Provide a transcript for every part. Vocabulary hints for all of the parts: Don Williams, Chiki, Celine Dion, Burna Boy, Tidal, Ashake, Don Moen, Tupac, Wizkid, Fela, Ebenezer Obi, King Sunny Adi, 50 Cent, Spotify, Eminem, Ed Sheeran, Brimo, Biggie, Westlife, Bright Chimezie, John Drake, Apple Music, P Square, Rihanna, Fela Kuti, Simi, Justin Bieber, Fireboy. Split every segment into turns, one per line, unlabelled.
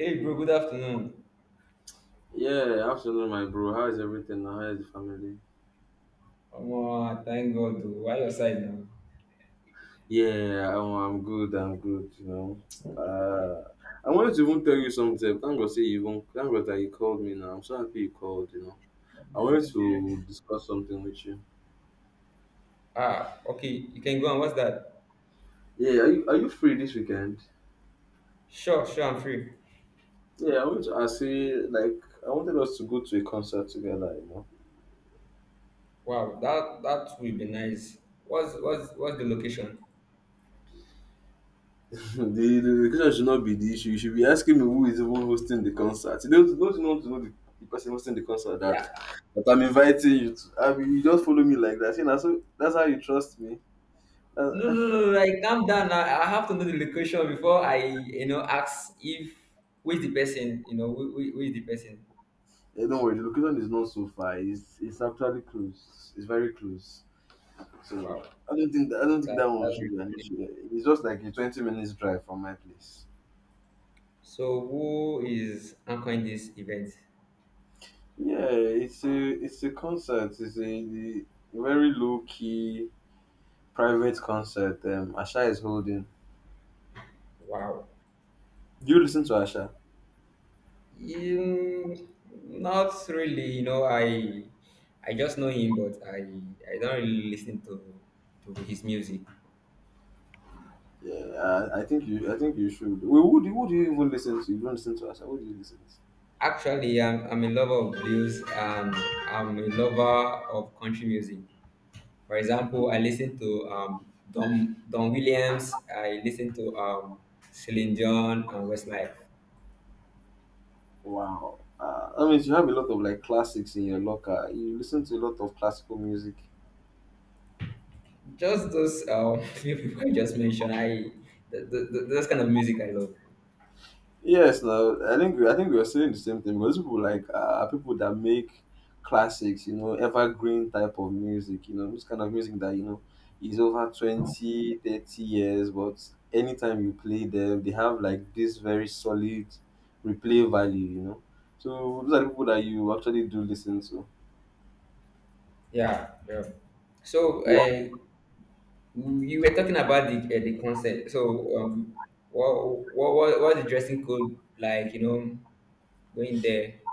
Hey bro, good afternoon.
Yeah, afternoon, my bro. How is everything now? How is the family?
Omo, thank God. Oh. Why your side now?
Yeah, I'm good. I'm good. You know, uh, I wanted to even tell you something. Thank God, say you even thank God that you called me. Now I'm so happy you called. You know, I wanted to discuss something with you.
Ah, okay. You can go on. What's that?
Yeah, are you free this weekend?
Sure, sure. I'm free.
Yeah, I wanted to ask you like I wanted us to go to a concert together. You know.
Wow, that will be nice. What's the location?
The, the question should not be the issue. You should be asking me who is even hosting the concert. You Don't you want to know the person hosting the concert
Yeah.
that I'm inviting you to. I mean, you just follow me like that, you know, so that's how you trust me.
No,
That,
no, no. no, Like calm down. I have to know the location before I, you know, ask if who is the person. You know who is the person.
yeah, don't worry, the location is not so far. It's actually close. It's very close. So
Wow,
I don't think that
that
one
that's
should
really
be an
good.
issue. It's just like a 20 minutes drive from my place.
So who is anchoring this event?
Yeah, it's a concert. It's a very low key private concert. Asha is holding.
Wow.
Do you listen to Asha?
Um, Not really. You know, I just know him, but I don't really listen to his music.
Yeah, I think you. I think you should. Wait, who do you even listen to? You don't listen to Asha. Who do you listen to?
Actually, I'm a lover of blues, and I'm a lover of country music. For example, I listen to Don Williams. I listen to Celine Dion and Westlife.
Wow. I mean, you have a lot of like classics in your locker. You listen to a lot of classical music.
Just those few people I just mentioned. I th th th those kind of music I love.
Yes, no, I think we are saying the same thing because people like people that make classics, you know, evergreen type of music, you know, this kind of music that you know is over 20, 30 years, but anytime you play them, they have like this very solid replay value, you know. So those are the people that you actually do listen to.
Yeah, yeah. So, uh, You were talking about the concert. What what's the dressing code like? You know, going there.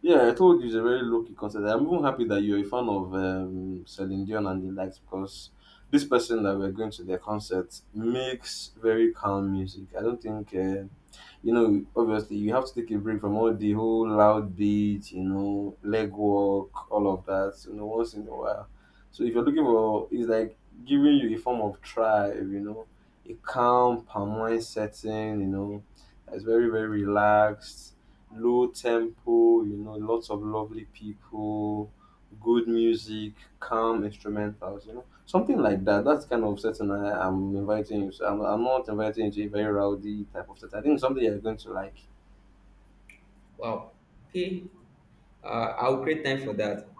Yeah, I told you it's a very low key concert. I'm even happy that you're a fan of Celine Dion and the likes because this person that we're going to their concert makes very calm music. I don't think you know, obviously you have to take a break from all the whole loud beat, you know, leg work, all of that, you know, once in a while. So if you're looking for, it's like giving you a form of tribe, you know, a calm, palm setting, you know, that's very, very relaxed, low tempo, you know, lots of lovely people, good music, calm instrumentals, you know. Something like that. That's the kind of setting I'm inviting you. So I'm not inviting you to a very rowdy type of setting. I think something you're going to like.
Wow. Okay. I'll create time for that.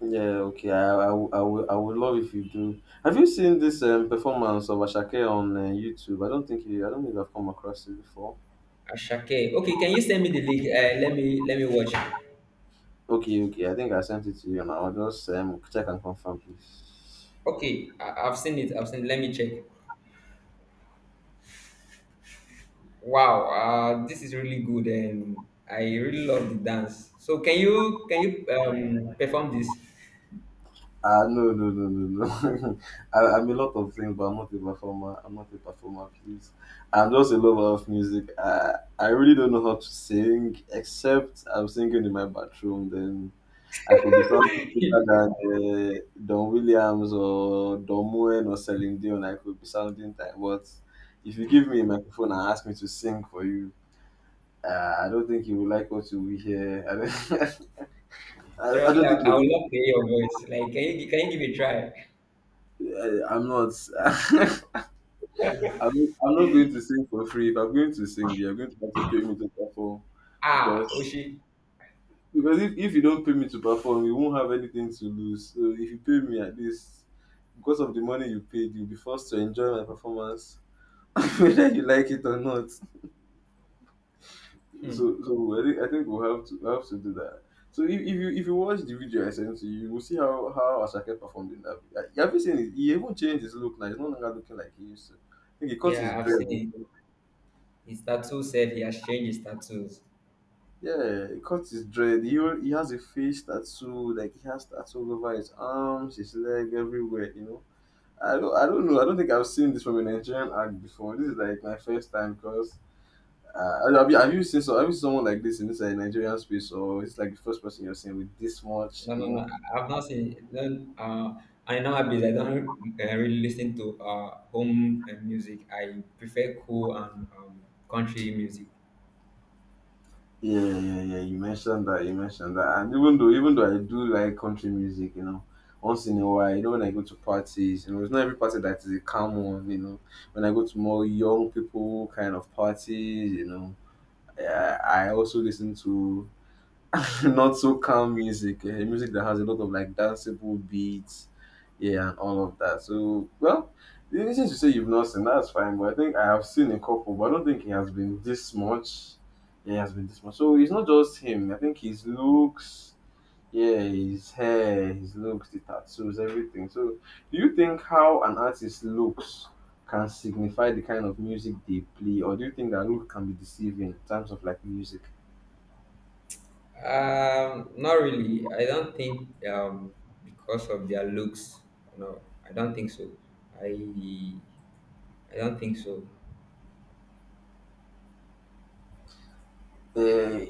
Yeah, okay. I would love if you do. Have you seen this performance of Ashake on YouTube? I don't think I've come across it before.
Ashake. Okay. Can you send me the link? Let me watch.
Okay, okay. I think I sent it to you now. I'll just check and confirm, please.
Okay. I've seen it. I've seen. Let me check. Wow. This is really good, and I really love the dance. So, can you perform this?
Ah, no, no, no, no, no. I'm a lot of things, but I'm not a performer. I'm not a performer, please. I'm just a lover of music. I really don't know how to sing, except I'm singing in my bathroom. Then I could be something better than Don Williams or Don Moen or Celine Dion. I could be sounding like, but if you give me a microphone and ask me to sing for you, I don't think you will like what you will hear. I don't, I
Seriously,
don't think you
I would
will.
love to hear your voice. Like, can you can you give it a try?
I'm not. I'm not going to sing for free. If I'm going to sing, you're going to have to pay me to perform
Ah,
because
Oshi.
if you don't pay me to perform, you won't have anything to lose. So if you pay me at least because of the money you paid, you'll be forced to enjoy my performance, whether you like it or not.
Hmm.
So I think we'll have to do that. So if you watch the video I sent to you, you will see how Ashake performed in that video. Have you seen it? He even changed his look now. He's no longer looking like he used to. I think he cut his
Yeah, I've
dread.
seen it. His tattoo — said he has changed his tattoos.
Yeah, he cuts his dread. He has a face tattoo, like he has tattoo all over his arms, his leg, everywhere. You know, I don't know. I don't think I've seen this from a Nigerian act before. This is like my first time because have you seen someone like this in this like Nigerian space, or it's like the first person you're seeing with this much,
No,
you
no, no.
know.
I've not seen it. Then, I know Abiz. I don't really listen to home music. I prefer cool and country music.
Yeah, yeah, yeah. You mentioned that. You mentioned that. And even though I do like country music, you know, once in a while, you know, when I go to parties, you know, it's not every party that is a calm one, you know. When I go to more young people kind of parties, you know, I also listen to not so calm music, music that has a lot of like danceable beats, yeah, and all of that. So, well, the reason you say you've not seen that's fine, but I think I have seen a couple, but I don't think he has been this much. Yeah, he has been this much. So it's not just him. I think his looks, yeah, his hair, his looks, the tattoos, everything. So, do you think how an artist looks can signify the kind of music they play, or do you think that look can be deceiving in terms of like music?
Not really. I don't think because of their looks. No, I don't think so. I I don't think so.
Uh,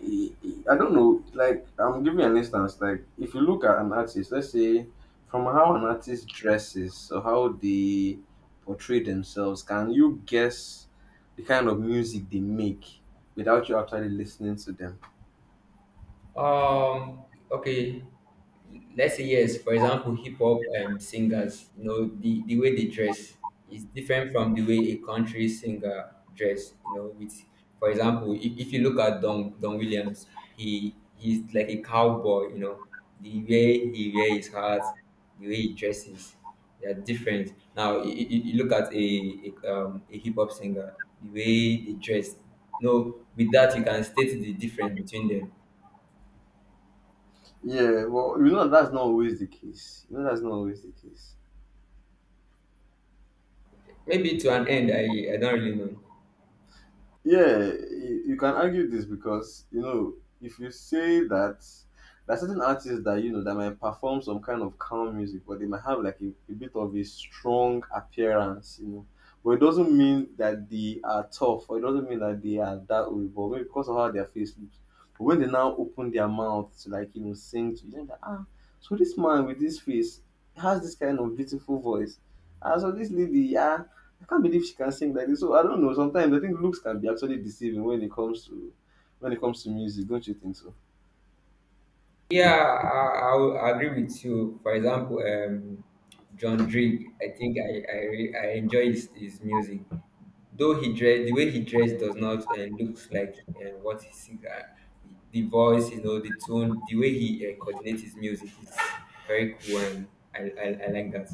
I don't know. Like, I'm giving an instance. Like, if you look at an artist, let's say from how an artist dresses or how they portray themselves, can you guess the kind of music they make without you actually listening to them?
Um, okay, let's say yes. For example, hip hop singers, you know, the way they dress is different from the way a country singer dress. You know, with, for example, if you look at Don Williams, he's like a cowboy. You know, the way he wears his hat, the way he dresses, they are different. Now, you look at a hip hop singer, the way they dress. You know, with that you can state the difference between them.
Yeah, well, you know that's not always the case. You know that's not always the case.
Maybe to an end, I don't really know.
Yeah, you can argue this because you know if you say that there are certain artists that you know that might perform some kind of calm music, but they might have like a bit of a strong appearance, you know. But it doesn't mean that they are tough, or it doesn't mean that they are that way, but maybe because of how their face looks. But when they now open their mouth to like you know sing to you, then ah, so this man with this face has this kind of beautiful voice. And so this lady, yeah, I can't believe she can sing like this. So I don't know. Sometimes I think looks can be actually deceiving when it comes to music. Don't you think so?
Yeah, I will agree with you. For example, John Drake, I think I enjoy his music. Though he dress, the way he dressed does not looks like what he sings. The voice, you know, the tone, the way he coordinates his music is very cool, and I like that.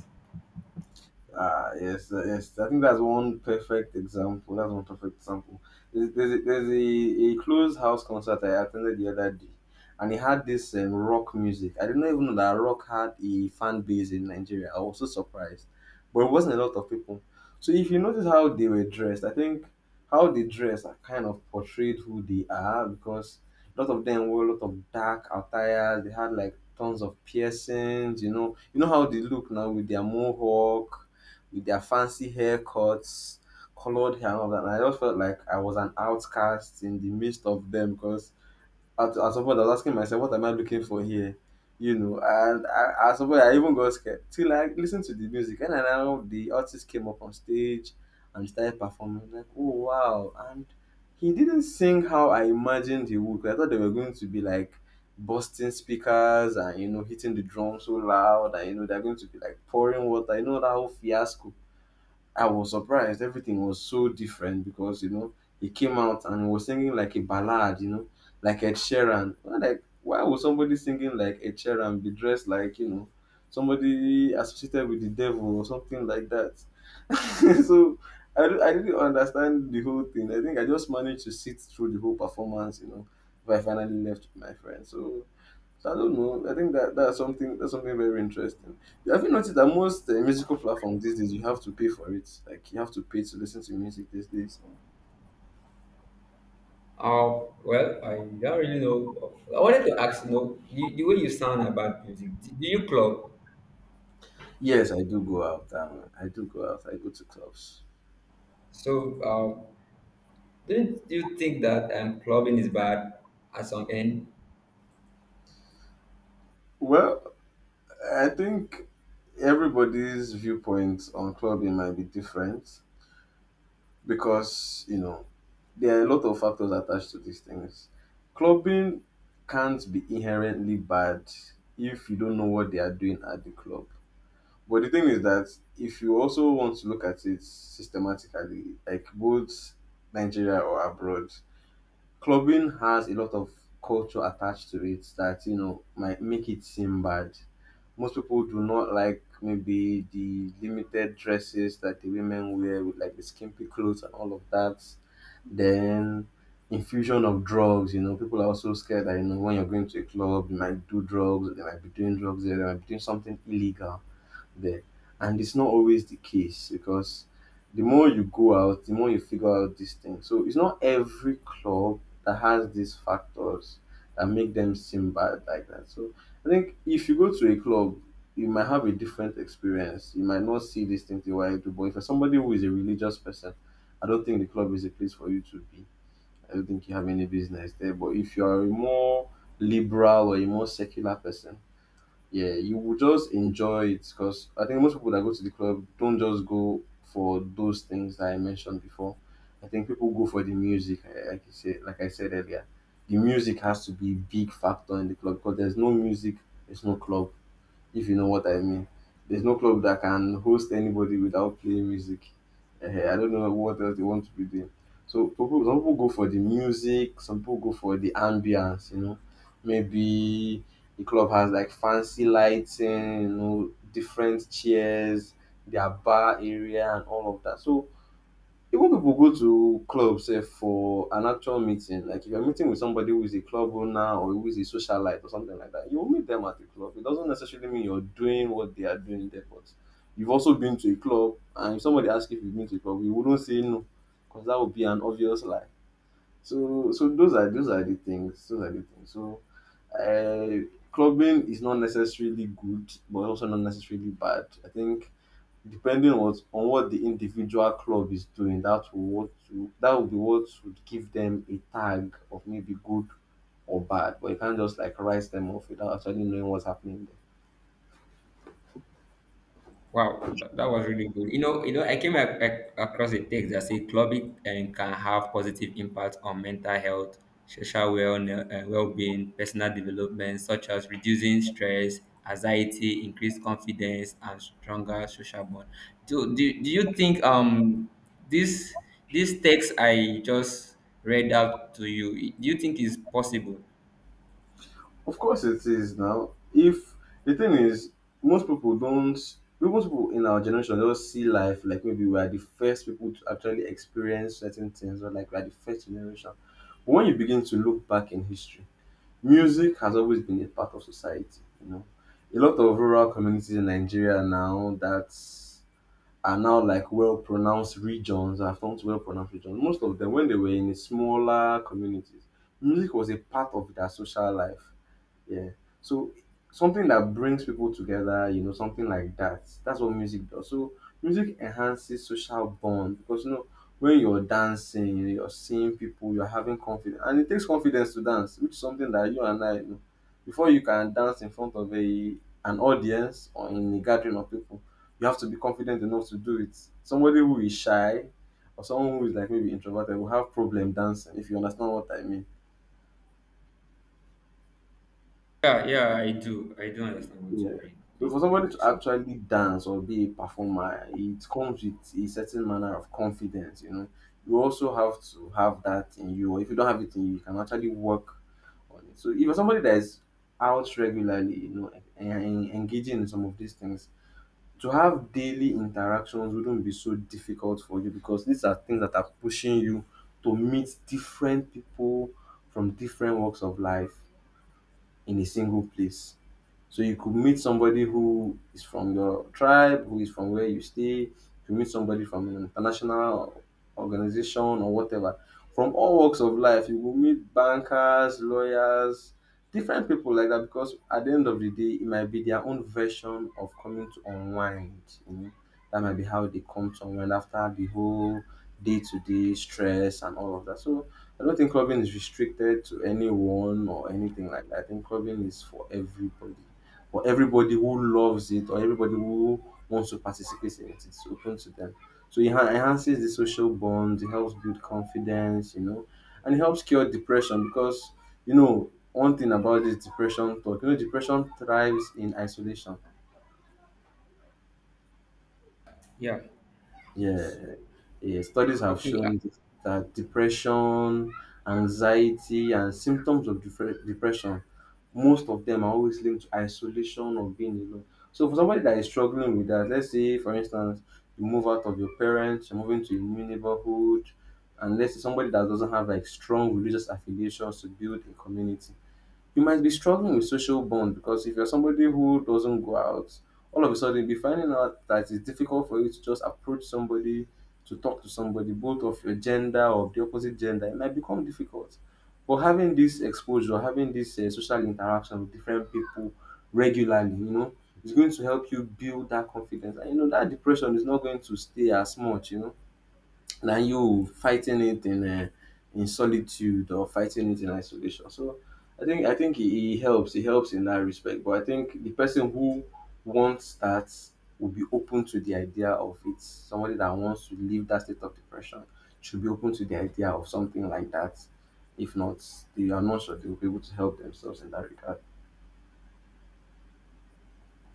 Ah, yes, yes. I think that's one perfect example. That's one perfect example. There's a closed house concert I attended the other day, and it had this rock music. I didn't even know that rock had a fan base in Nigeria. I was so surprised, but it wasn't a lot of people. So if you notice how they were dressed, I think how they dress are kind of portrayed who they are because a lot of them wore a lot of dark attires. They had like tons of piercings. You know how they look now with their mohawk with their fancy haircuts, colored hair, and all that. And I just felt like I was an outcast in the midst of them because at some point I was asking myself, what am I looking for here? You know, and at some point I even got scared till I listened to the music. And now the artist came up on stage and started performing. Like, oh wow! And he didn't sing how I imagined he would. 'Cause I thought they were going to be like busting speakers and you know hitting the drum so loud and you know they're going to be like pouring water. You know that whole fiasco, I was surprised. Everything was so different because you know he came out and was singing like a ballad, you know, like Ed Sheeran. I'm like, why would somebody singing like Ed Sheeran be dressed like you know somebody associated with the devil or something like that? so I didn't understand the whole thing. I think I just managed to sit through the whole performance, you know. But I finally left with my friend. So I don't know. I think that that's something very interesting. Have you noticed that most musical platforms these days you have to pay for it? Like you have to pay to listen to music these days.
Oh well, I don't really know. I wanted to ask, you know, you, the way you sound about music, do you club?
Yes, I do go out. I do go out. I go to clubs.
So, um, Didn't you think that clubbing is bad at some end?
Well, I think everybody's viewpoint on clubbing might be different because you know there are a lot of factors attached to these things. Clubbing can't be inherently bad if you don't know what they are doing at the club. But the thing is that if you also want to look at it systematically, like both Nigeria or abroad, clubbing has a lot of culture attached to it that you know might make it seem bad. Most people do not like maybe the limited dresses that the women wear with like the skimpy clothes and all of that. Then infusion of drugs, you know, people are also scared that you know when you're going to a club, you might do drugs, they might be doing drugs there, they might be doing something illegal there. And it's not always the case because the more you go out, the more you figure out these things. So it's not every club that has these factors that make them seem bad like that. So I think if you go to a club, you might have a different experience. You might not see these things the way I do. But if you're somebody who is a religious person, I don't think the club is a place for you to be. I don't think you have any business there. But if you are a more liberal or a more secular person, yeah, you will just enjoy it because I think most people that go to the club don't just go for those things that I mentioned before. I think people go for the music, eh, like you said, like I said earlier. The music has to be a big factor in the club because there's no music, there's no club if you know what I mean. There's no club that can host anybody without playing music. Eh, I don't know what else they want to be doing. So people, some people go for the music, some people go for the ambience, you know. Maybe the club has like fancy lighting, you know, different chairs, their bar area and all of that. So even people go to club sef for an actual meeting. Like if you're meeting with somebody who is a club owner or who is a socialite or something like that, you will meet them at the club. It doesn't necessarily mean you're doing what they are doing there, but you've also been to a club, and if somebody asks you if you've been to a club, you wouldn't say no, because that would be an obvious lie. So those are the things. Those are the things. So, clubbing is not necessarily good, but also not necessarily bad. I think depending on what the individual club is doing, that will what to, that would be what would give them a tag of maybe good or bad. But you can't just like write them off without actually knowing what's happening there.
Wow, that was really good. You know, I came across a text that said clubbing can have positive impact on mental health, social well-being, personal development, such as reducing stress, anxiety, increased confidence, and stronger social bond. Do you think this this text I just read out to you, do you think is possible?
Of course, it is now. If the thing is, most people don't. Most people in our generation just see life like maybe we are the first people to actually experience certain things, or like we are the first generation. But when you begin to look back in history, music has always been a part of society, you know. A lot of rural communities in Nigeria now that are now like well pronounced regions, have come to well pronounced regions. Most of them, when they were in smaller communities, music was a part of their social life. Yeah. So something that brings people together, you know, something like that. That's what music does. So music enhances social bond because you know when you're dancing, you know, you're seeing people, you're having confidence, and it takes confidence to dance, which is something that you and I you know. Before you can dance in front of a an audience or in a gathering of people, you have to be confident enough to do it. Somebody who is shy or someone who is like maybe introverted will have problem dancing if you understand what I mean.
Yeah, yeah, I do. I do understand what you
Yeah.
mean.
So for somebody to
So,
actually dance or be a performer, it comes with a certain manner of confidence, you know. You also have to have that in you, or if you don't have it in you, you can actually work on it. So if you're somebody that is out regularly, you know, and engaging in some of these things, to have daily interactions wouldn't be so difficult for you because these are things that are pushing you to meet different people from different walks of life in a single place. So you could meet somebody who is from your tribe, who is from where you stay, you meet somebody from an international organization or whatever. From all walks of life, you will meet bankers, lawyers, different people like that because at the end of the day, it might be their own version of coming to unwind. You know? That might be how they come to unwind after the whole day to day stress and all of that. So I don't think clubbing is restricted to anyone or anything like that. I think clubbing is for everybody or everybody who loves it or everybody who wants to participate in it. It's open to them. So it enhances the social bond, it helps build confidence, you know, and it helps cure depression because, you know, one thing about this depression talk, you know, depression thrives in isolation.
yeah.
Yeah,
S-.
yeah. Studies have
Okay. Uh,
shown this- that depression, anxiety, and symptoms of depression, most of them are always linked to isolation or being alone. So, for somebody that is struggling with that, let's say, for instance, you move out of your parents, you're moving to a new neighborhood, and let's say somebody that doesn't have like strong religious affiliations to build a community you might be struggling with social bond because if you're somebody who doesn't go out, all of a sudden you'll be finding out that it's difficult for you to just approach somebody, to talk to somebody, both of your gender or of the opposite gender. It might become difficult. But having this exposure, having this social interaction with different people regularly, you know, is going to help you build that confidence. And you know, that depression is not going to stay as much, you know than you fighting it in solitude or fighting it in isolation. So I think it, it helps. It helps in that respect. But I think the person who wants that will be open to the idea of it. Somebody that wants to leave that state of depression should be open to the idea of something like that. If not, they are not sure they will be able to help themselves in that regard.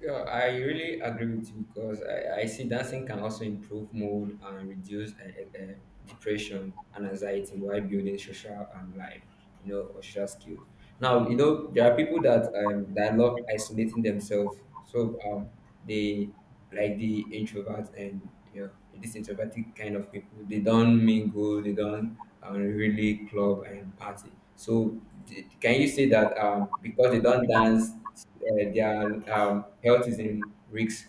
yeah, I really agree with you, because I see dancing can also improve mood and reduce depression and anxiety while building social and life, you know, or social skills. Now, you know, there are people that that love isolating themselves. So, they like the introverts and yeah, this introverted kind of people. They don't mingle, they don't really club and party. So can you say that because they don't dance, their health is in risk?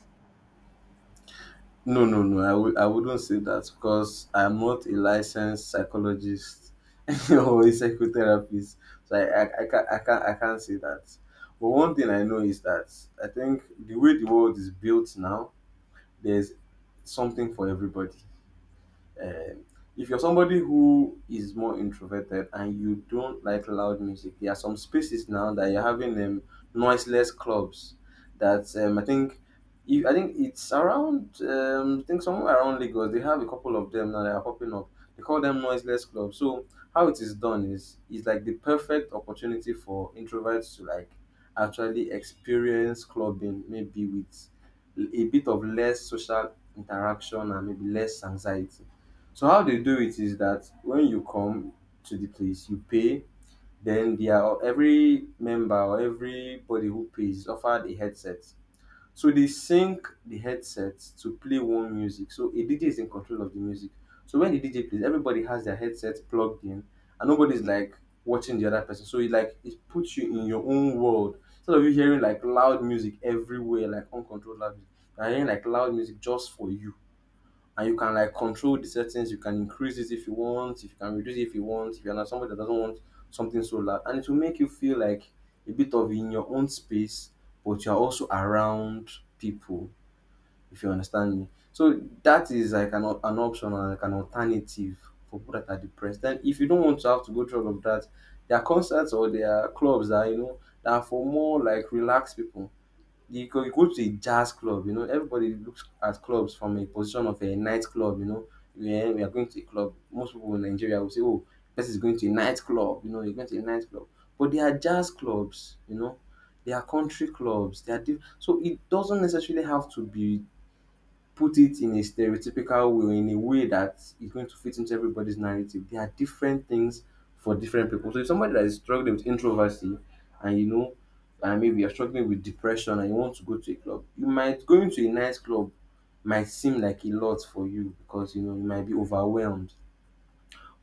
No, no, no. I wouldn't say that because I'm not a licensed psychologist or a psychotherapist, so I can't I can't say that. But one thing I know is that I think the way the world is built now, there's something for everybody. Um, if you're somebody who is more introverted and you don't like loud music, there are some spaces now that you're having noiseless clubs. That I think, if, I think it's around, I think somewhere around Lagos, they have a couple of them now that are popping up. They call them noiseless clubs. So how it is done is like the perfect opportunity for introverts to like actually experience clubbing, maybe with a bit of less social interaction and maybe less anxiety. So how they do it is that when you come to the place, you pay. Then they are every member or everybody who pays is offered a headset. So they sync the headset to play one music. So a DJ is in control of the music. So when the DJ plays, everybody has their headset plugged in, and nobody's like watching the other person. So it like it puts you in your own world. Instead of you hearing like loud music everywhere, like uncontrolled loud music, you're hearing like loud music just for you and you can like control the settings. You can increase it if you want, if you can reduce it if you want, if you're not somebody that doesn't want something so loud. And it will make you feel like a bit of in your own space, but you're also around people, if you understand me. So that is like an option or like an alternative for people that are depressed. Then if you don't want to have to go through all of that, there are concerts or there are clubs that you know that are for more like relaxed people. You go to a jazz club, you know, everybody looks at clubs from a position of a nightclub, you know. Yeah, we are going to a club. Most people in Nigeria will say, "Oh, person is going to a nightclub," you know, you're going to a nightclub. But they are jazz clubs, you know, they are country clubs, so it doesn't necessarily have to be put it in a stereotypical way, in a way that is going to fit into everybody's narrative. There are different things for different people. So if somebody that is struggling with introversy and you know, and maybe you're struggling with depression and you want to go to a club, you might going to a nice club might seem like a lot for you because you know you might be overwhelmed.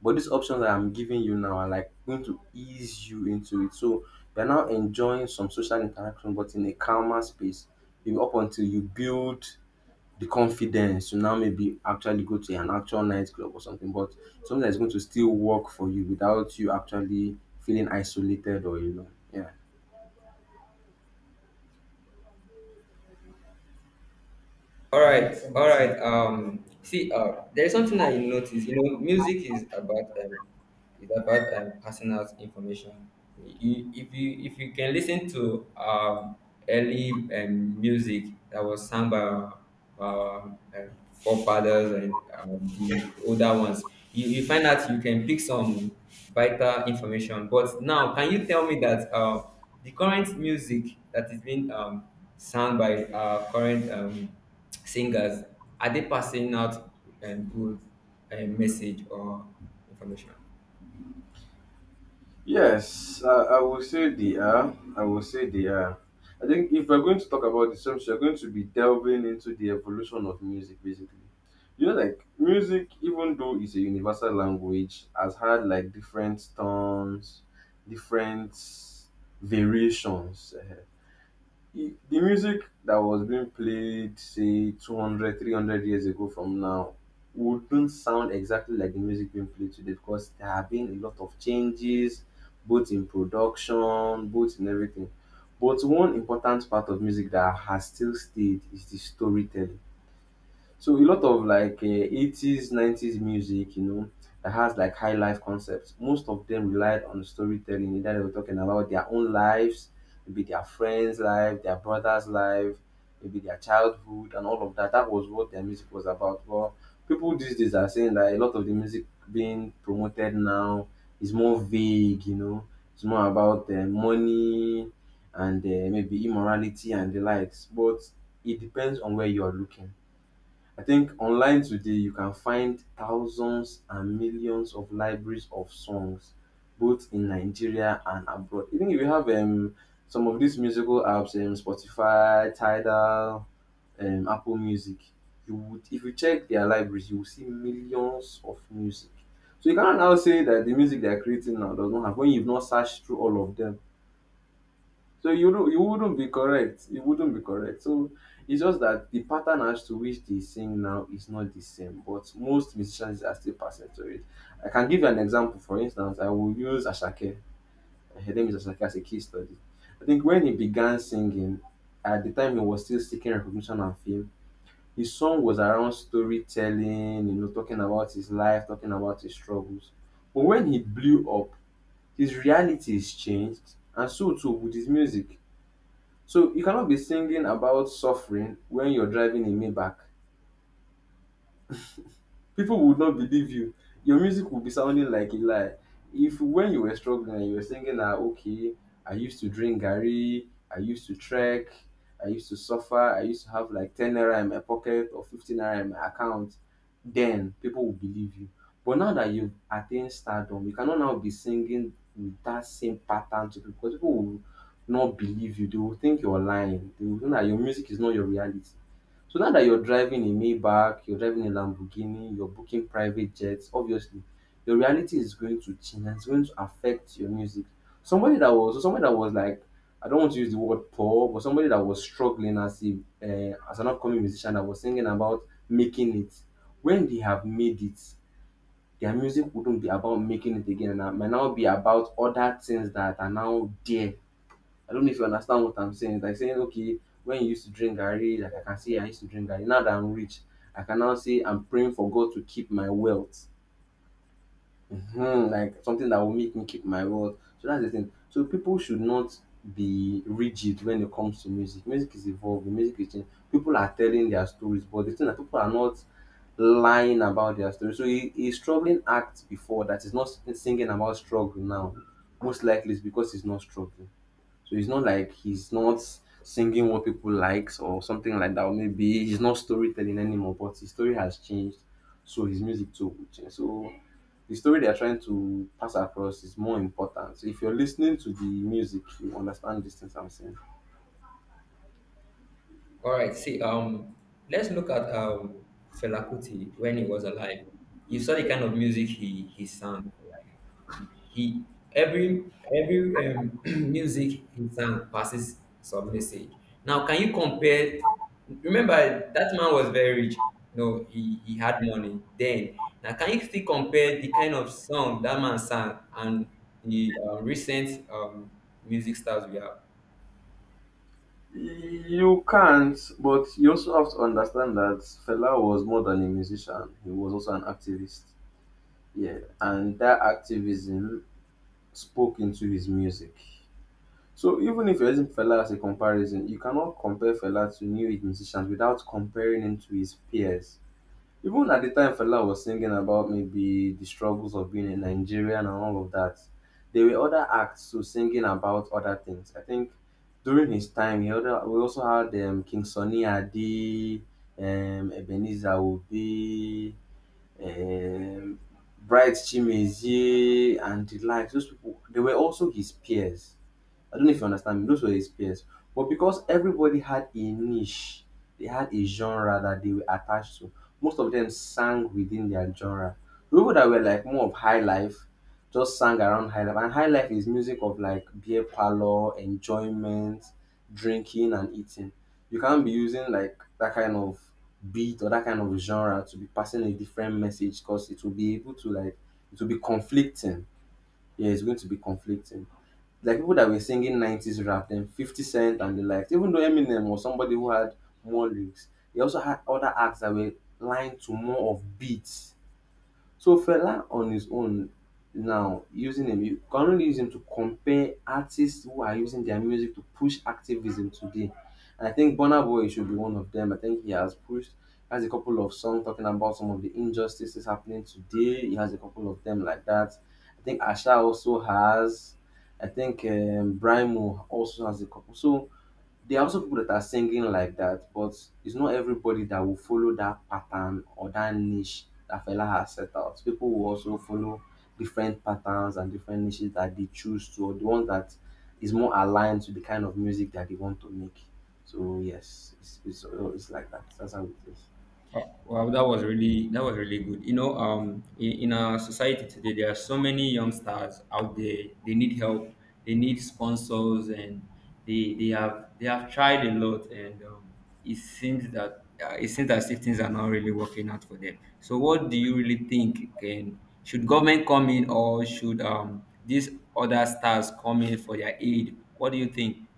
But these options that I'm giving you now are like going to ease you into it. So you're now enjoying some social interaction but in a calmer space. Maybe up until you build the confidence to now maybe actually go to an actual nightclub or something, but something that's going to still work for you without you actually feeling isolated or alone. Yeah.
All right, all right. See, there's something I noticed. You know, music is about personal information. You, if you can listen to early music that was sung by our, forefathers, and the older ones, you find out you can pick some vital information. But now, can you tell me that the current music that is being sung by our current singers, are they passing out good message or information?
Yes, I will say they are. I will say they are. I think if we're going to talk about this, we are going to be delving into the evolution of music, basically. You know, like music, even though it's a universal language, has had like different tones, different variations. The music that was being played say 200, 300 years ago from now wouldn't sound exactly like the music being played today because there have been a lot of changes, both in production, both in everything. But one important part of music that has still stayed is the storytelling. So a lot of like 80s, 90s music, you know, that has like high life concepts. Most of them relied on storytelling. Either they were talking about their own lives, maybe their friends' life, their brother's life, maybe their childhood, and all of that. That was what their music was about. Well, people these days are saying that a lot of the music being promoted now is more vague, you know, it's more about money and maybe immorality and the likes. But it depends on where you are looking. I think online today you can find thousands and millions of libraries of songs, both in Nigeria and abroad. Even if you have some of these musical apps, Spotify, Tidal, Apple Music, you would, if you check their libraries, you will see millions of music. So you cannot now say that the music they are creating now does not have when you've not searched through all of them. So you wouldn't be correct. It wouldn't be correct. So it's just that the pattern as to which they sing now is not the same, but most musicians are still passing to it. I can give you an example. For instance, I will use Ashake. Her name is Ashake, as a case study. I think when he began singing, at the time he was still seeking recognition and fame, his song was around storytelling, you know, talking about his life, talking about his struggles. But when he blew up, his realities changed, and so too with his music. So you cannot be singing about suffering when you're driving a Maybach. People would not believe you. Your music would be sounding like a lie. If when you were struggling, you were singing, ah, okay, I used to drink Gary, I used to trek, I used to suffer, I used to have like 10 naira in my pocket or 15 naira in my account, then people will believe you. But now that you've attained stardom, you cannot now be singing with that same pattern to people, because people will not believe you. They will think you're lying. They will think that your music is not your reality. So now that you're driving a Maybach, you're driving a Lamborghini, you're booking private jets, obviously your reality is going to change and it's going to affect your music. Somebody that was like, I don't want to use the word poor, but somebody that was struggling as a as an upcoming musician that was singing about making it. When they have made it, their music wouldn't be about making it again. And it might now be about other things that are now there. I don't know if you understand what I'm saying. It's like saying, okay, when you used to drink Gary, like I can say I used to drink Gary. Now that I'm rich, I can now say I'm praying for God to keep my wealth. Mhm. Like something that will make me keep my wealth. So that's the thing. So people should not be rigid when it comes to music. Music is evolving, music is changing. People are telling their stories, but the thing that people are not lying about their story. So a struggling act before that is not singing about struggle now. Most likely it's because he's not struggling. So it's not like he's not singing what people likes or something like that. Or maybe he's not storytelling anymore, but his story has changed. So his music too will change. So the story they're trying to pass across is more important. So if you're listening to the music, you understand these things I'm saying.
All right. See, let's look at Fela Kuti when he was alive. You saw the kind of music he sang. Like, he every music he sang passes some message. Now, can you compare? Remember that man was very rich. No, he had money then. Now, can you still compare the kind of song that man sang and the recent music stars we have?
You can't, but you also have to understand that Fela was more than a musician. He was also an activist. Yeah. And that activism spoke into his music. So even if you're using Fela as a comparison, you cannot compare Fela to new age musicians without comparing him to his peers. Even at the time Fela was singing about maybe the struggles of being a Nigerian and all of that, there were other acts who singing about other things. I think during his time, we also had King Sunny Adi, Ebenezer Obi, um, Bright Chimezie, and the like. Those people, they were also his peers. I don't know if you understand me. Those were his peers. But because everybody had a niche, they had a genre that they were attached to. Most of them sang within their genre. The people that were like more of high life just sang around high life. And high life is music of like beer parlor, enjoyment, drinking and eating. You can't be using like that kind of beat or that kind of genre to be passing a different message, because it will be able to like it will be conflicting. Yeah, it's going to be conflicting. Like people that were singing 90s rap, then 50 Cent and the likes, even though Eminem was somebody who had more lyrics, he also had other acts that were lined to more of beats. So Fela on his own, now using him, you can only use him to compare artists who are using their music to push activism today. And I think Burna Boy should be one of them. I think he has pushed, has a couple of songs talking about some of the injustices happening today. He has a couple of them like that. I think Asha also has. I think Brimo also has a couple. So there are also people that are singing like that, but it's not everybody that will follow that pattern or that niche that fella has set out. People will also follow different patterns and different niches that they choose to, or the one that is more aligned to the kind of music that they want to make. So yes, it's it's like that. That's how it is.
Wow, that was really good. You know, in our society today, there are so many youngsters out there. They need help. They need sponsors, and they have tried a lot, and it seems that it seems as if things are not really working out for them. So, what do you really think? Can Should government come in, or should these other stars come in for their aid? What do you think?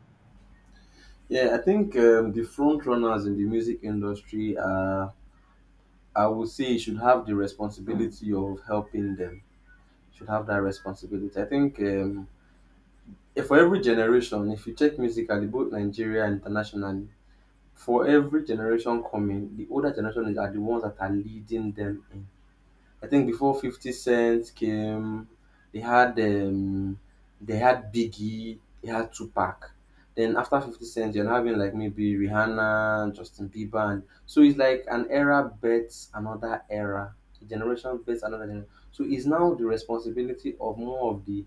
Yeah, I think the front runners in the music industry, I would say, should have the responsibility of helping them. Should have that responsibility. I think for every generation, if you check musically, both Nigeria and internationally, for every generation coming, the older generation is are the ones that are leading them in. I think before 50 Cent came, they had Biggie, they had Tupac. Then after 50 Cent, you're having like maybe Rihanna, Justin Bieber. And so it's like an era bets another era, a generation bets another generation. So it's now the responsibility of more of the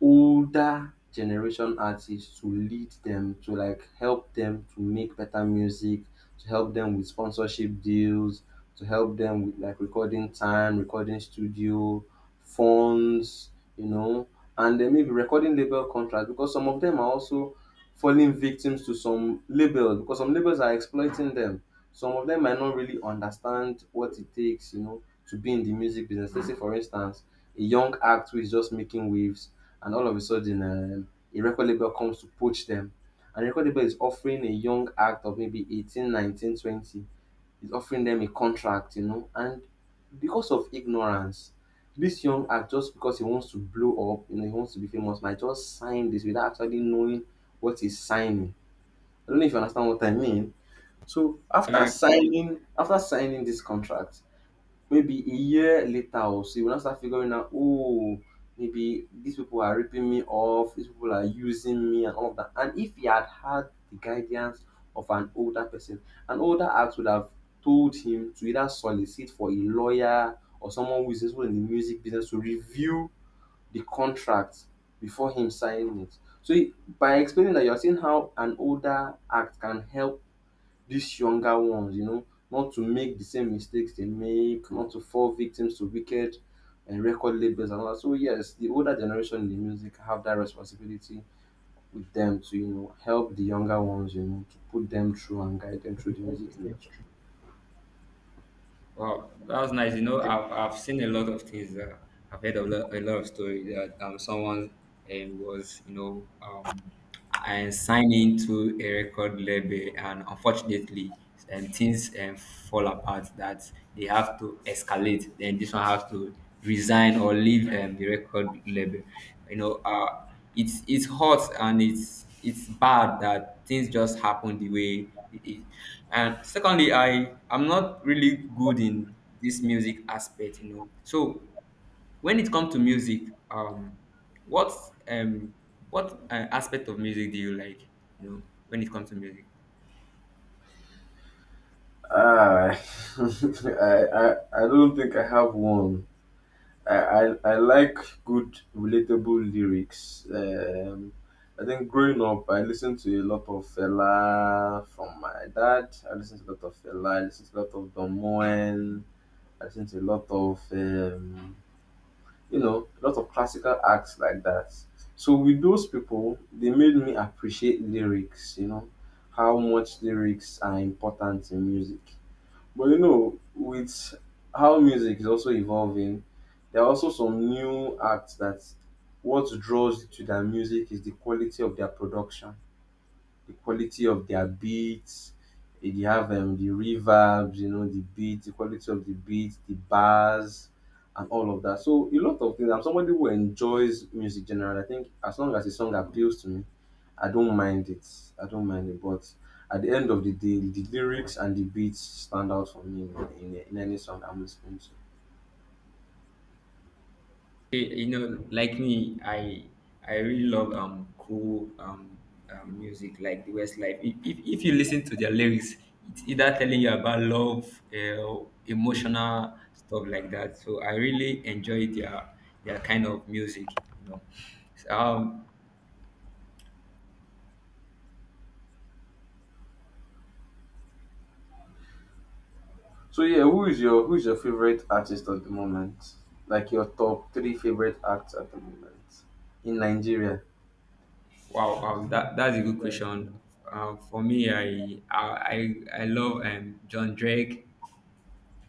older generation artists to lead them, to like help them to make better music, to help them with sponsorship deals, to help them with like recording time, recording studio funds, you know. And then maybe recording label contracts, because some of them are also falling victims to some labels, because some labels are exploiting them. Some of them might not really understand what it takes, you know, to be in the music business. Let's say for instance a young act who is just making waves, and all of a sudden a record label comes to poach them, and the record label is offering a young act of maybe 18, 19, 20, is offering them a contract, you know. And because of ignorance, this young act, just because he wants to blow up, you know, he wants to be famous, might just sign this without actually knowing what he's signing. I don't know if you understand what I mean. So after
Yeah.
signing, after signing this contract, maybe a year later or so, you will now start figuring out, oh, maybe these people are ripping me off, these people are using me, and all of that. And if he had had the guidance of an older person, an older act would have told him to either solicit for a lawyer or someone who is also in the music business to review the contract before him signing it. So by explaining that, you're seeing how an older act can help these younger ones, you know, not to make the same mistakes they make, not to fall victims to wicked and record labels and all that. So yes, the older generation in the music have that responsibility with them to, you know, help the younger ones, you know, to put them through and guide them through the music industry.
Wow, that was nice. You know, I've seen a lot of things. I've heard a lot of stories, that someone was, you know, and signed into a record label, and unfortunately, things fall apart, that they have to escalate. Then this one has to resign or leave the record label. You know, it's hot, and it's bad that things just happen the way it is. And secondly, I'm not really good in this music aspect, you know. So when it comes to music, what um what aspect of music do you like? You know, when it comes to music.
Ah, I don't think I have one. I like good, relatable lyrics. I think growing up, I listened to a lot of Fela from my dad. I listened to a lot of Fela. I listened to a lot of Don Moen. I listened to a lot of, you know, a lot of classical acts like that. So with those people, they made me appreciate lyrics, you know, how much lyrics are important in music. But you know, with how music is also evolving, there are also some new acts that what draws you to their music is the quality of their production, the quality of their beats. They have the reverbs, you know, the beat, the quality of the beat, the bars, and all of that. So a lot of things. I'm somebody who enjoys music generally. I think as long as the song appeals to me, I don't mind it. I don't mind it. But at the end of the day, the lyrics and the beats stand out for me in, in any song I'm listening to.
Hey, you know, like me, I really love cool music, like the Westlife. If you listen to their lyrics, it's either telling you about love, emotional stuff like that. So I really enjoy their kind of music. You know. So, um,
So yeah, who is your favorite artist at the moment? Like your top three favorite acts at the moment in Nigeria?
wow, that's a good question. For me, I love John Drake,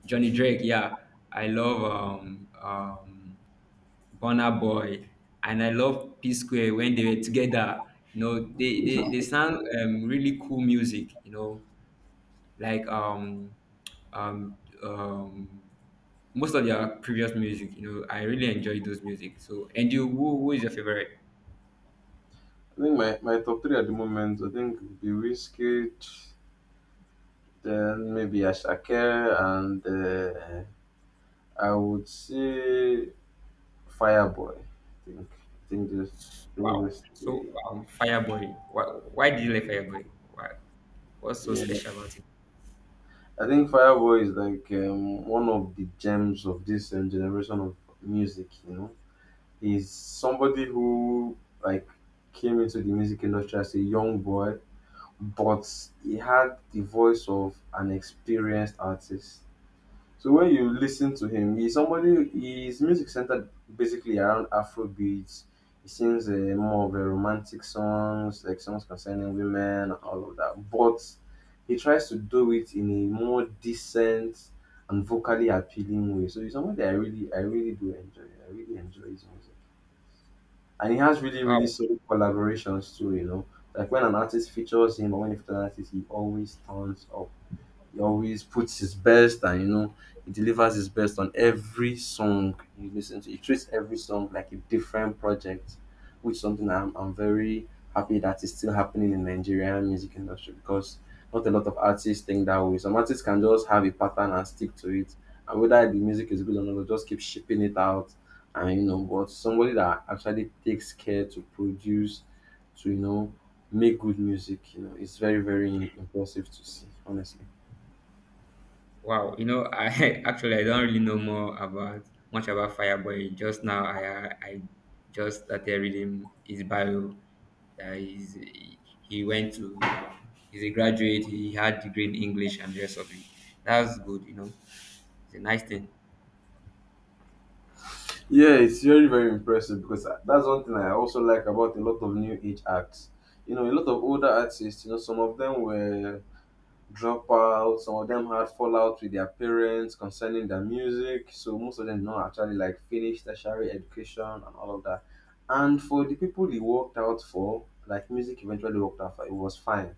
Johnny Drake. Yeah, I love Burna Boy, and I love P Square when they were together. You know, they sound really cool music. You know, like um um most of their previous music. You know, I really enjoy those music. So, and you, who is your favorite?
I think my, my top three at the moment, I think would be Wizkid, then maybe Ashake, and I would say Fireboy. I think I think this I think
Wow.
this
So,
three.
Fireboy. Why do you like Fireboy? Why, what's so
Yeah,
special about it?
I think Fireboy is like one of the gems of this generation of music. You know, he's somebody who like came into the music industry as a young boy, but he had the voice of an experienced artist. So when you listen to him, he's somebody, his music centered basically around Afro beats. He sings more of a romantic songs, like songs concerning women and all of that. But he tries to do it in a more decent and vocally appealing way. So he's somebody I really do enjoy. I really enjoy his music, and he has really, really
Wow.
solid collaborations too. You know, like when an artist features him, or when he features an artist, he always turns up. He always puts his best, and you know he delivers his best on every song you listen to. He treats every song like a different project, which is something I'm very happy that is still happening in Nigerian music industry, because not a lot of artists think that way. Some artists can just have a pattern and stick to it, and whether the music is good or not, they'll just keep shipping it out. And you know, but somebody that actually takes care to produce, to you know, make good music, you know, it's very impressive to see, honestly.
Wow, you know, I actually I don't really know more about much about Fireboy. Just now, I just started reading his bio. That is, he went to he's a graduate. He had degree in English and the rest of it. That's good, you know. It's a nice thing.
Yeah, it's very, very impressive because that's one thing I also like about a lot of new age acts. You know, a lot of older artists, you know, some of them were dropouts, some of them had fallout with their parents concerning their music. So most of them did not actually like finish tertiary education and all of that. And for the people he worked out for, like music eventually worked out for, it was fine.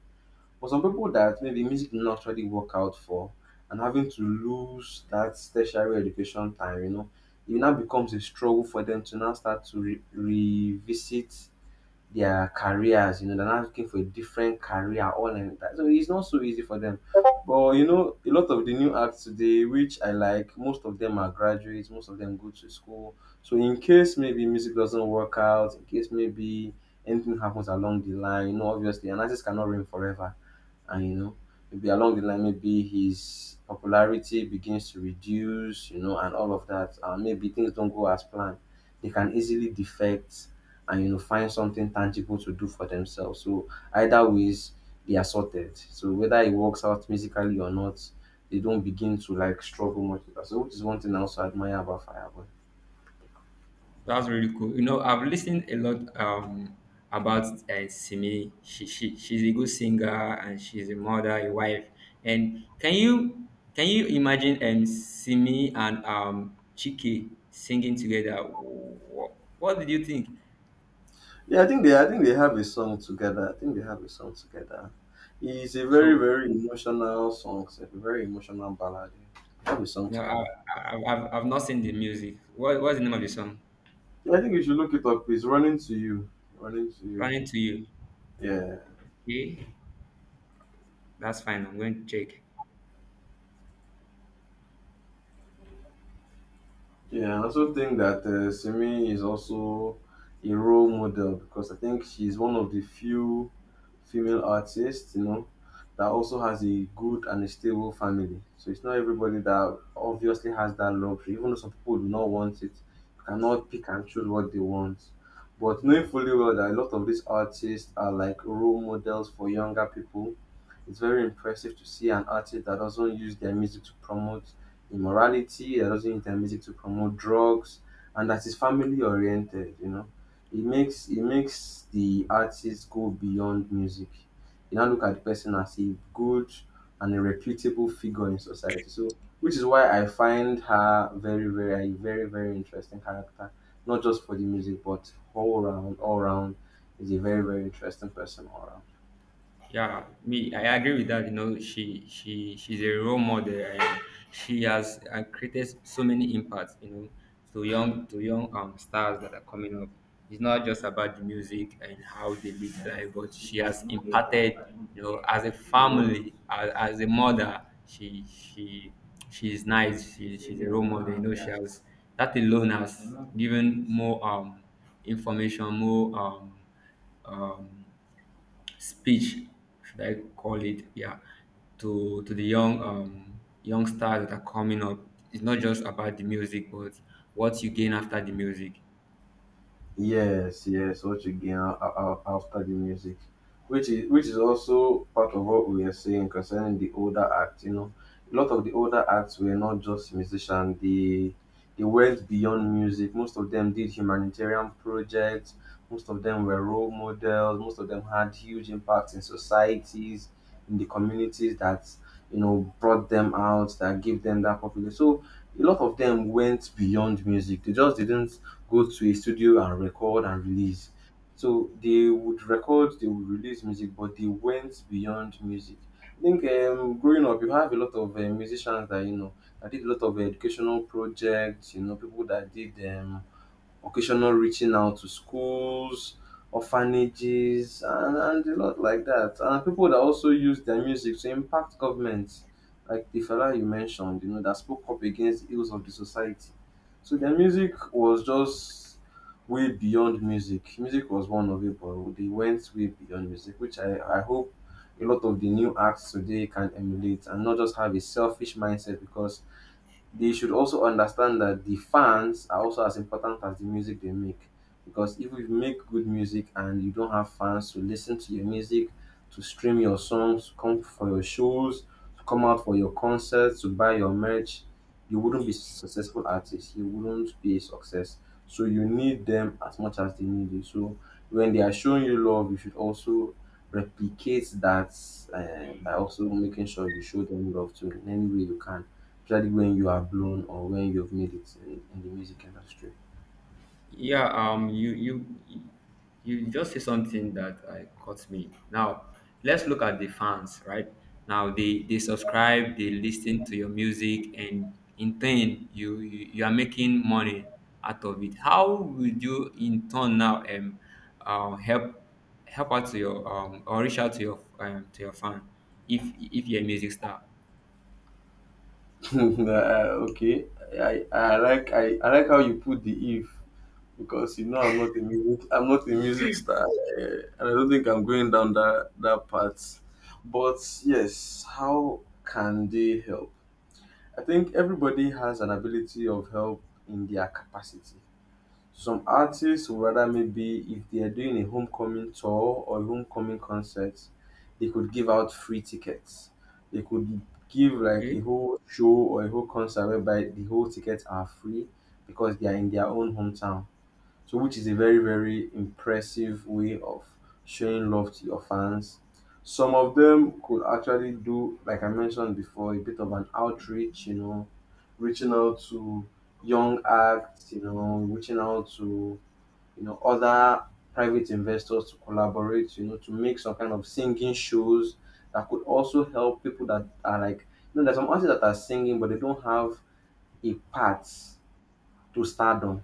For some people that maybe music did not actually work out for, and having to lose that tertiary education time, you know, it now becomes a struggle for them to now start to revisit their careers, you know, they're not looking for a different career all and that. So it's not so easy for them. But you know, a lot of the new acts today, which I like, most of them are graduates, most of them go to school. So in case maybe music doesn't work out, in case maybe anything happens along the line, you know, obviously an artist cannot reign forever. And you know, maybe along the line, maybe his popularity begins to reduce, you know, and all of that. Maybe things don't go as planned. They can easily defect and you know find something tangible to do for themselves. So either ways they are sorted. So whether it works out musically or not, they don't begin to like struggle much with that. So which is one thing I also admire about Fireboy.
That's really cool. You know, I've listened a lot about Simi. She's a good singer, and she's a mother, a wife. And can you imagine Simi and Chiki singing together? What did you think?
Yeah, I think they have a song together. I think they have a song together. It's a very,
So
very emotional song. It's a very emotional ballad. They have a song
no,
together.
I've not seen the music. What what's the name of the song?
Yeah, I think you should look it up. It's Running to You. Running to You.
Running to you.
Yeah.
Okay, that's fine. I'm going to check.
Yeah, I also think that Simi is also a role model, because I think she's one of the few female artists, you know, that also has a good and a stable family. So it's not everybody that obviously has that luxury, even though some people do not want it. You cannot pick and choose what they want. But knowing fully well that a lot of these artists are like role models for younger people, it's very impressive to see an artist that doesn't use their music to promote immorality, they're also using their music to promote drugs, and that is family oriented, you know. It makes, it makes the artist go beyond music. You now look at the person as a good and a reputable figure in society. So which is why I find her very, very, a very, very interesting character. Not just for the music, but all round is a very, very interesting person all round.
Yeah, me, I agree with that. You know, she's a role model, and she has created so many impacts. You know, to young, stars that are coming up. It's not just about the music and how they live life, but she has imparted. You know, as a family, as a mother, she she's nice. She's a role model. You know, she has that alone has given more information, more um speech, should I call it? Yeah. To the young young stars that are coming up, it's not just about the music, but what you gain after the music.
Yes, yes, watch again. I'll study music, which is also part of what we are saying concerning the older acts. You know, a lot of the older acts were not just musicians; they went beyond music. Most of them did humanitarian projects. Most of them were role models. Most of them had huge impacts in societies, in the communities that you know brought them out, that gave them that popular. So a lot of them went beyond music. They just didn't go to a studio and record and release. So they would record, they would release music, but they went beyond music. I think growing up, you have a lot of musicians that you know that did a lot of educational projects. You know, people that did occasional reaching out to schools, orphanages, and a lot like that. And people that also use their music to impact governments, like the fella you mentioned, you know, that spoke up against the ills of the society. So their music was just way beyond music. Music was one of it, but they went way beyond music, which I hope a lot of the new acts today can emulate and not just have a selfish mindset, because they should also understand that the fans are also as important as the music they make. Because if you make good music and you don't have fans to listen to your music, to stream your songs, to come for your shows, to come out for your concerts, to buy your merch, you wouldn't be a successful artist. You wouldn't be a success. So you need them as much as they need you. So when they are showing you love, you should also replicate that by also making sure you show them love too in any way you can. Especially when you are blown or when you've made it in, the music industry.
Yeah, you you just say something that I caught me. Now, let's look at the fans, right? Now they subscribe, they listen to your music, and in turn, you are making money out of it. How would you in turn now help out to your or reach out to your fan, if you're a music star?
Okay, I like how you put the if because you know I'm not a music star and I don't think I'm going down that path. But yes, how can they help? I think everybody has an ability of help in their capacity. Some artists would rather, maybe if they are doing a homecoming tour or a homecoming concert, they could give out free tickets. They could give like a
Okay.
whole show or a whole concert whereby the whole tickets are free because they are in their own hometown. So, which is a very, very impressive way of showing love to your fans. Some of them could actually do, like I mentioned before, a bit of an outreach, you know, reaching out to young acts, you know, reaching out to, you know, other private investors to collaborate, you know, to make some kind of singing shows that could also help people that are like, you know, there's some artists that are singing, but they don't have a path to stardom.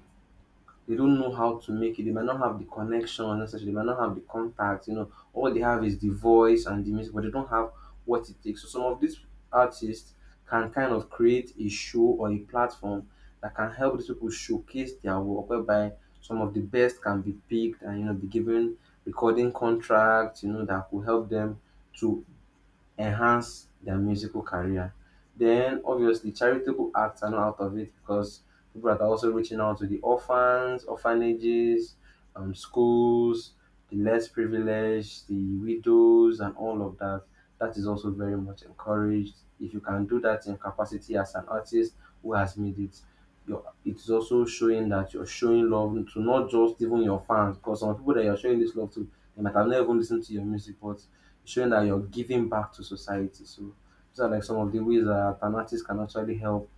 They don't know how to make it. They might not have the connection necessarily. They might not have the contacts. You know, all they have is the voice and the music, but they don't have what it takes. So some of these artists can kind of create a show or a platform that can help these people showcase their work, whereby some of the best can be picked and, you know, be given recording contracts. You know, that will help them to enhance their musical career. Then obviously charitable acts are not out of it because people are also reaching out to the orphans, orphanages, schools, the less privileged, the widows, and all of that. That is also very much encouraged. If you can do that in capacity as an artist who has made it, your it's also showing that you're showing love to not just even your fans, because some people that you're showing this love to, they might have never even listened to your music, but showing that you're giving back to society. So these are like some of the ways that an artist can actually help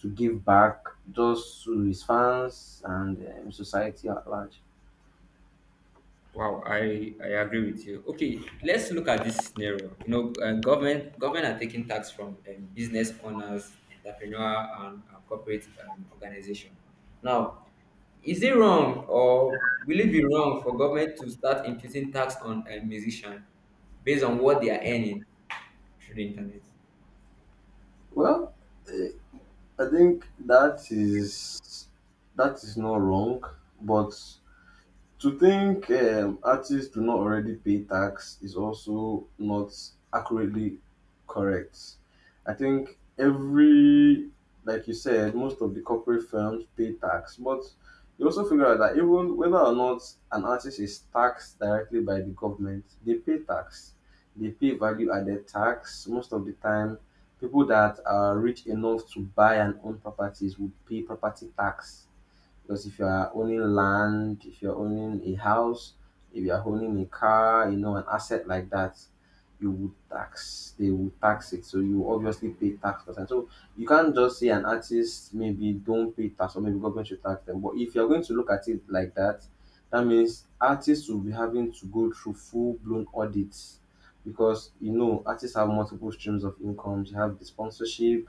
to give back just to his fans and society at large.
Wow, I agree with you. Okay, let's look at this scenario. You know, government are taking tax from business owners, entrepreneur, and corporate organization. Now, is it wrong or will it be wrong for government to start imputing tax on a musician based on what they are earning through the internet?
Well, eh, I think that is not wrong, but to think artists do not already pay tax is also not accurately correct. I think every, like you said, most of the corporate firms pay tax, but you also figure out that even whether or not an artist is taxed directly by the government, they pay tax. They pay value added tax. Most of the time, people that are rich enough to buy and own properties would pay property tax, because if you are owning land, if you're owning a house, if you are owning a car, you know, an asset like that, they will tax it. So you obviously pay tax for that. So you can't just say an artist maybe don't pay tax or maybe government should tax them. But if you're going to look at it like that, that means artists will be having to go through full blown audits, because you know artists have multiple streams of incomes. You have the sponsorship,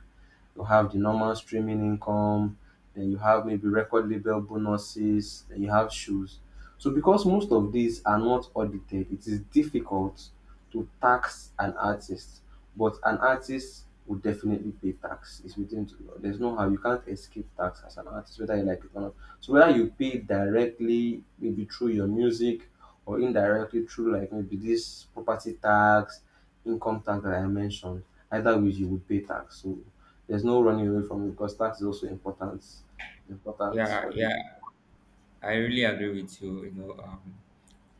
you have the normal streaming income, then you have maybe record label bonuses, then you have shoes. So because most of these are not audited, it is difficult to tax an artist, but an artist will definitely pay tax. It's within the law. There's no how you can't escape tax as an artist, whether you like it or not. So whether you pay directly, maybe through your music, or indirectly through like maybe this property tax, income tax that I mentioned, either way you would pay tax. So there's no running away from it because tax is also important
Yeah,
for the
yeah. I really agree with you. You know,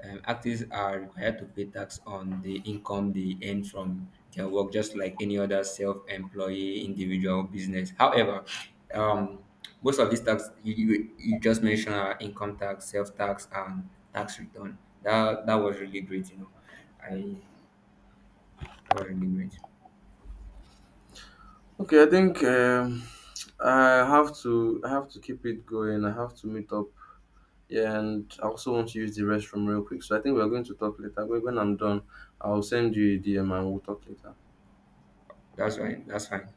artists are required to pay tax on the income they earn from their work, just like any other self-employee individual business. However, um, most of these tax you just mentioned are income tax, self tax, and tax return. That was really great. You know, I, that was really great.
okay I think I have to keep it going. I have to meet up. Yeah, and I also want to use the restroom real quick, so I think we're going to talk later when I'm done. I'll send you a DM and we'll talk later.
That's right. That's fine.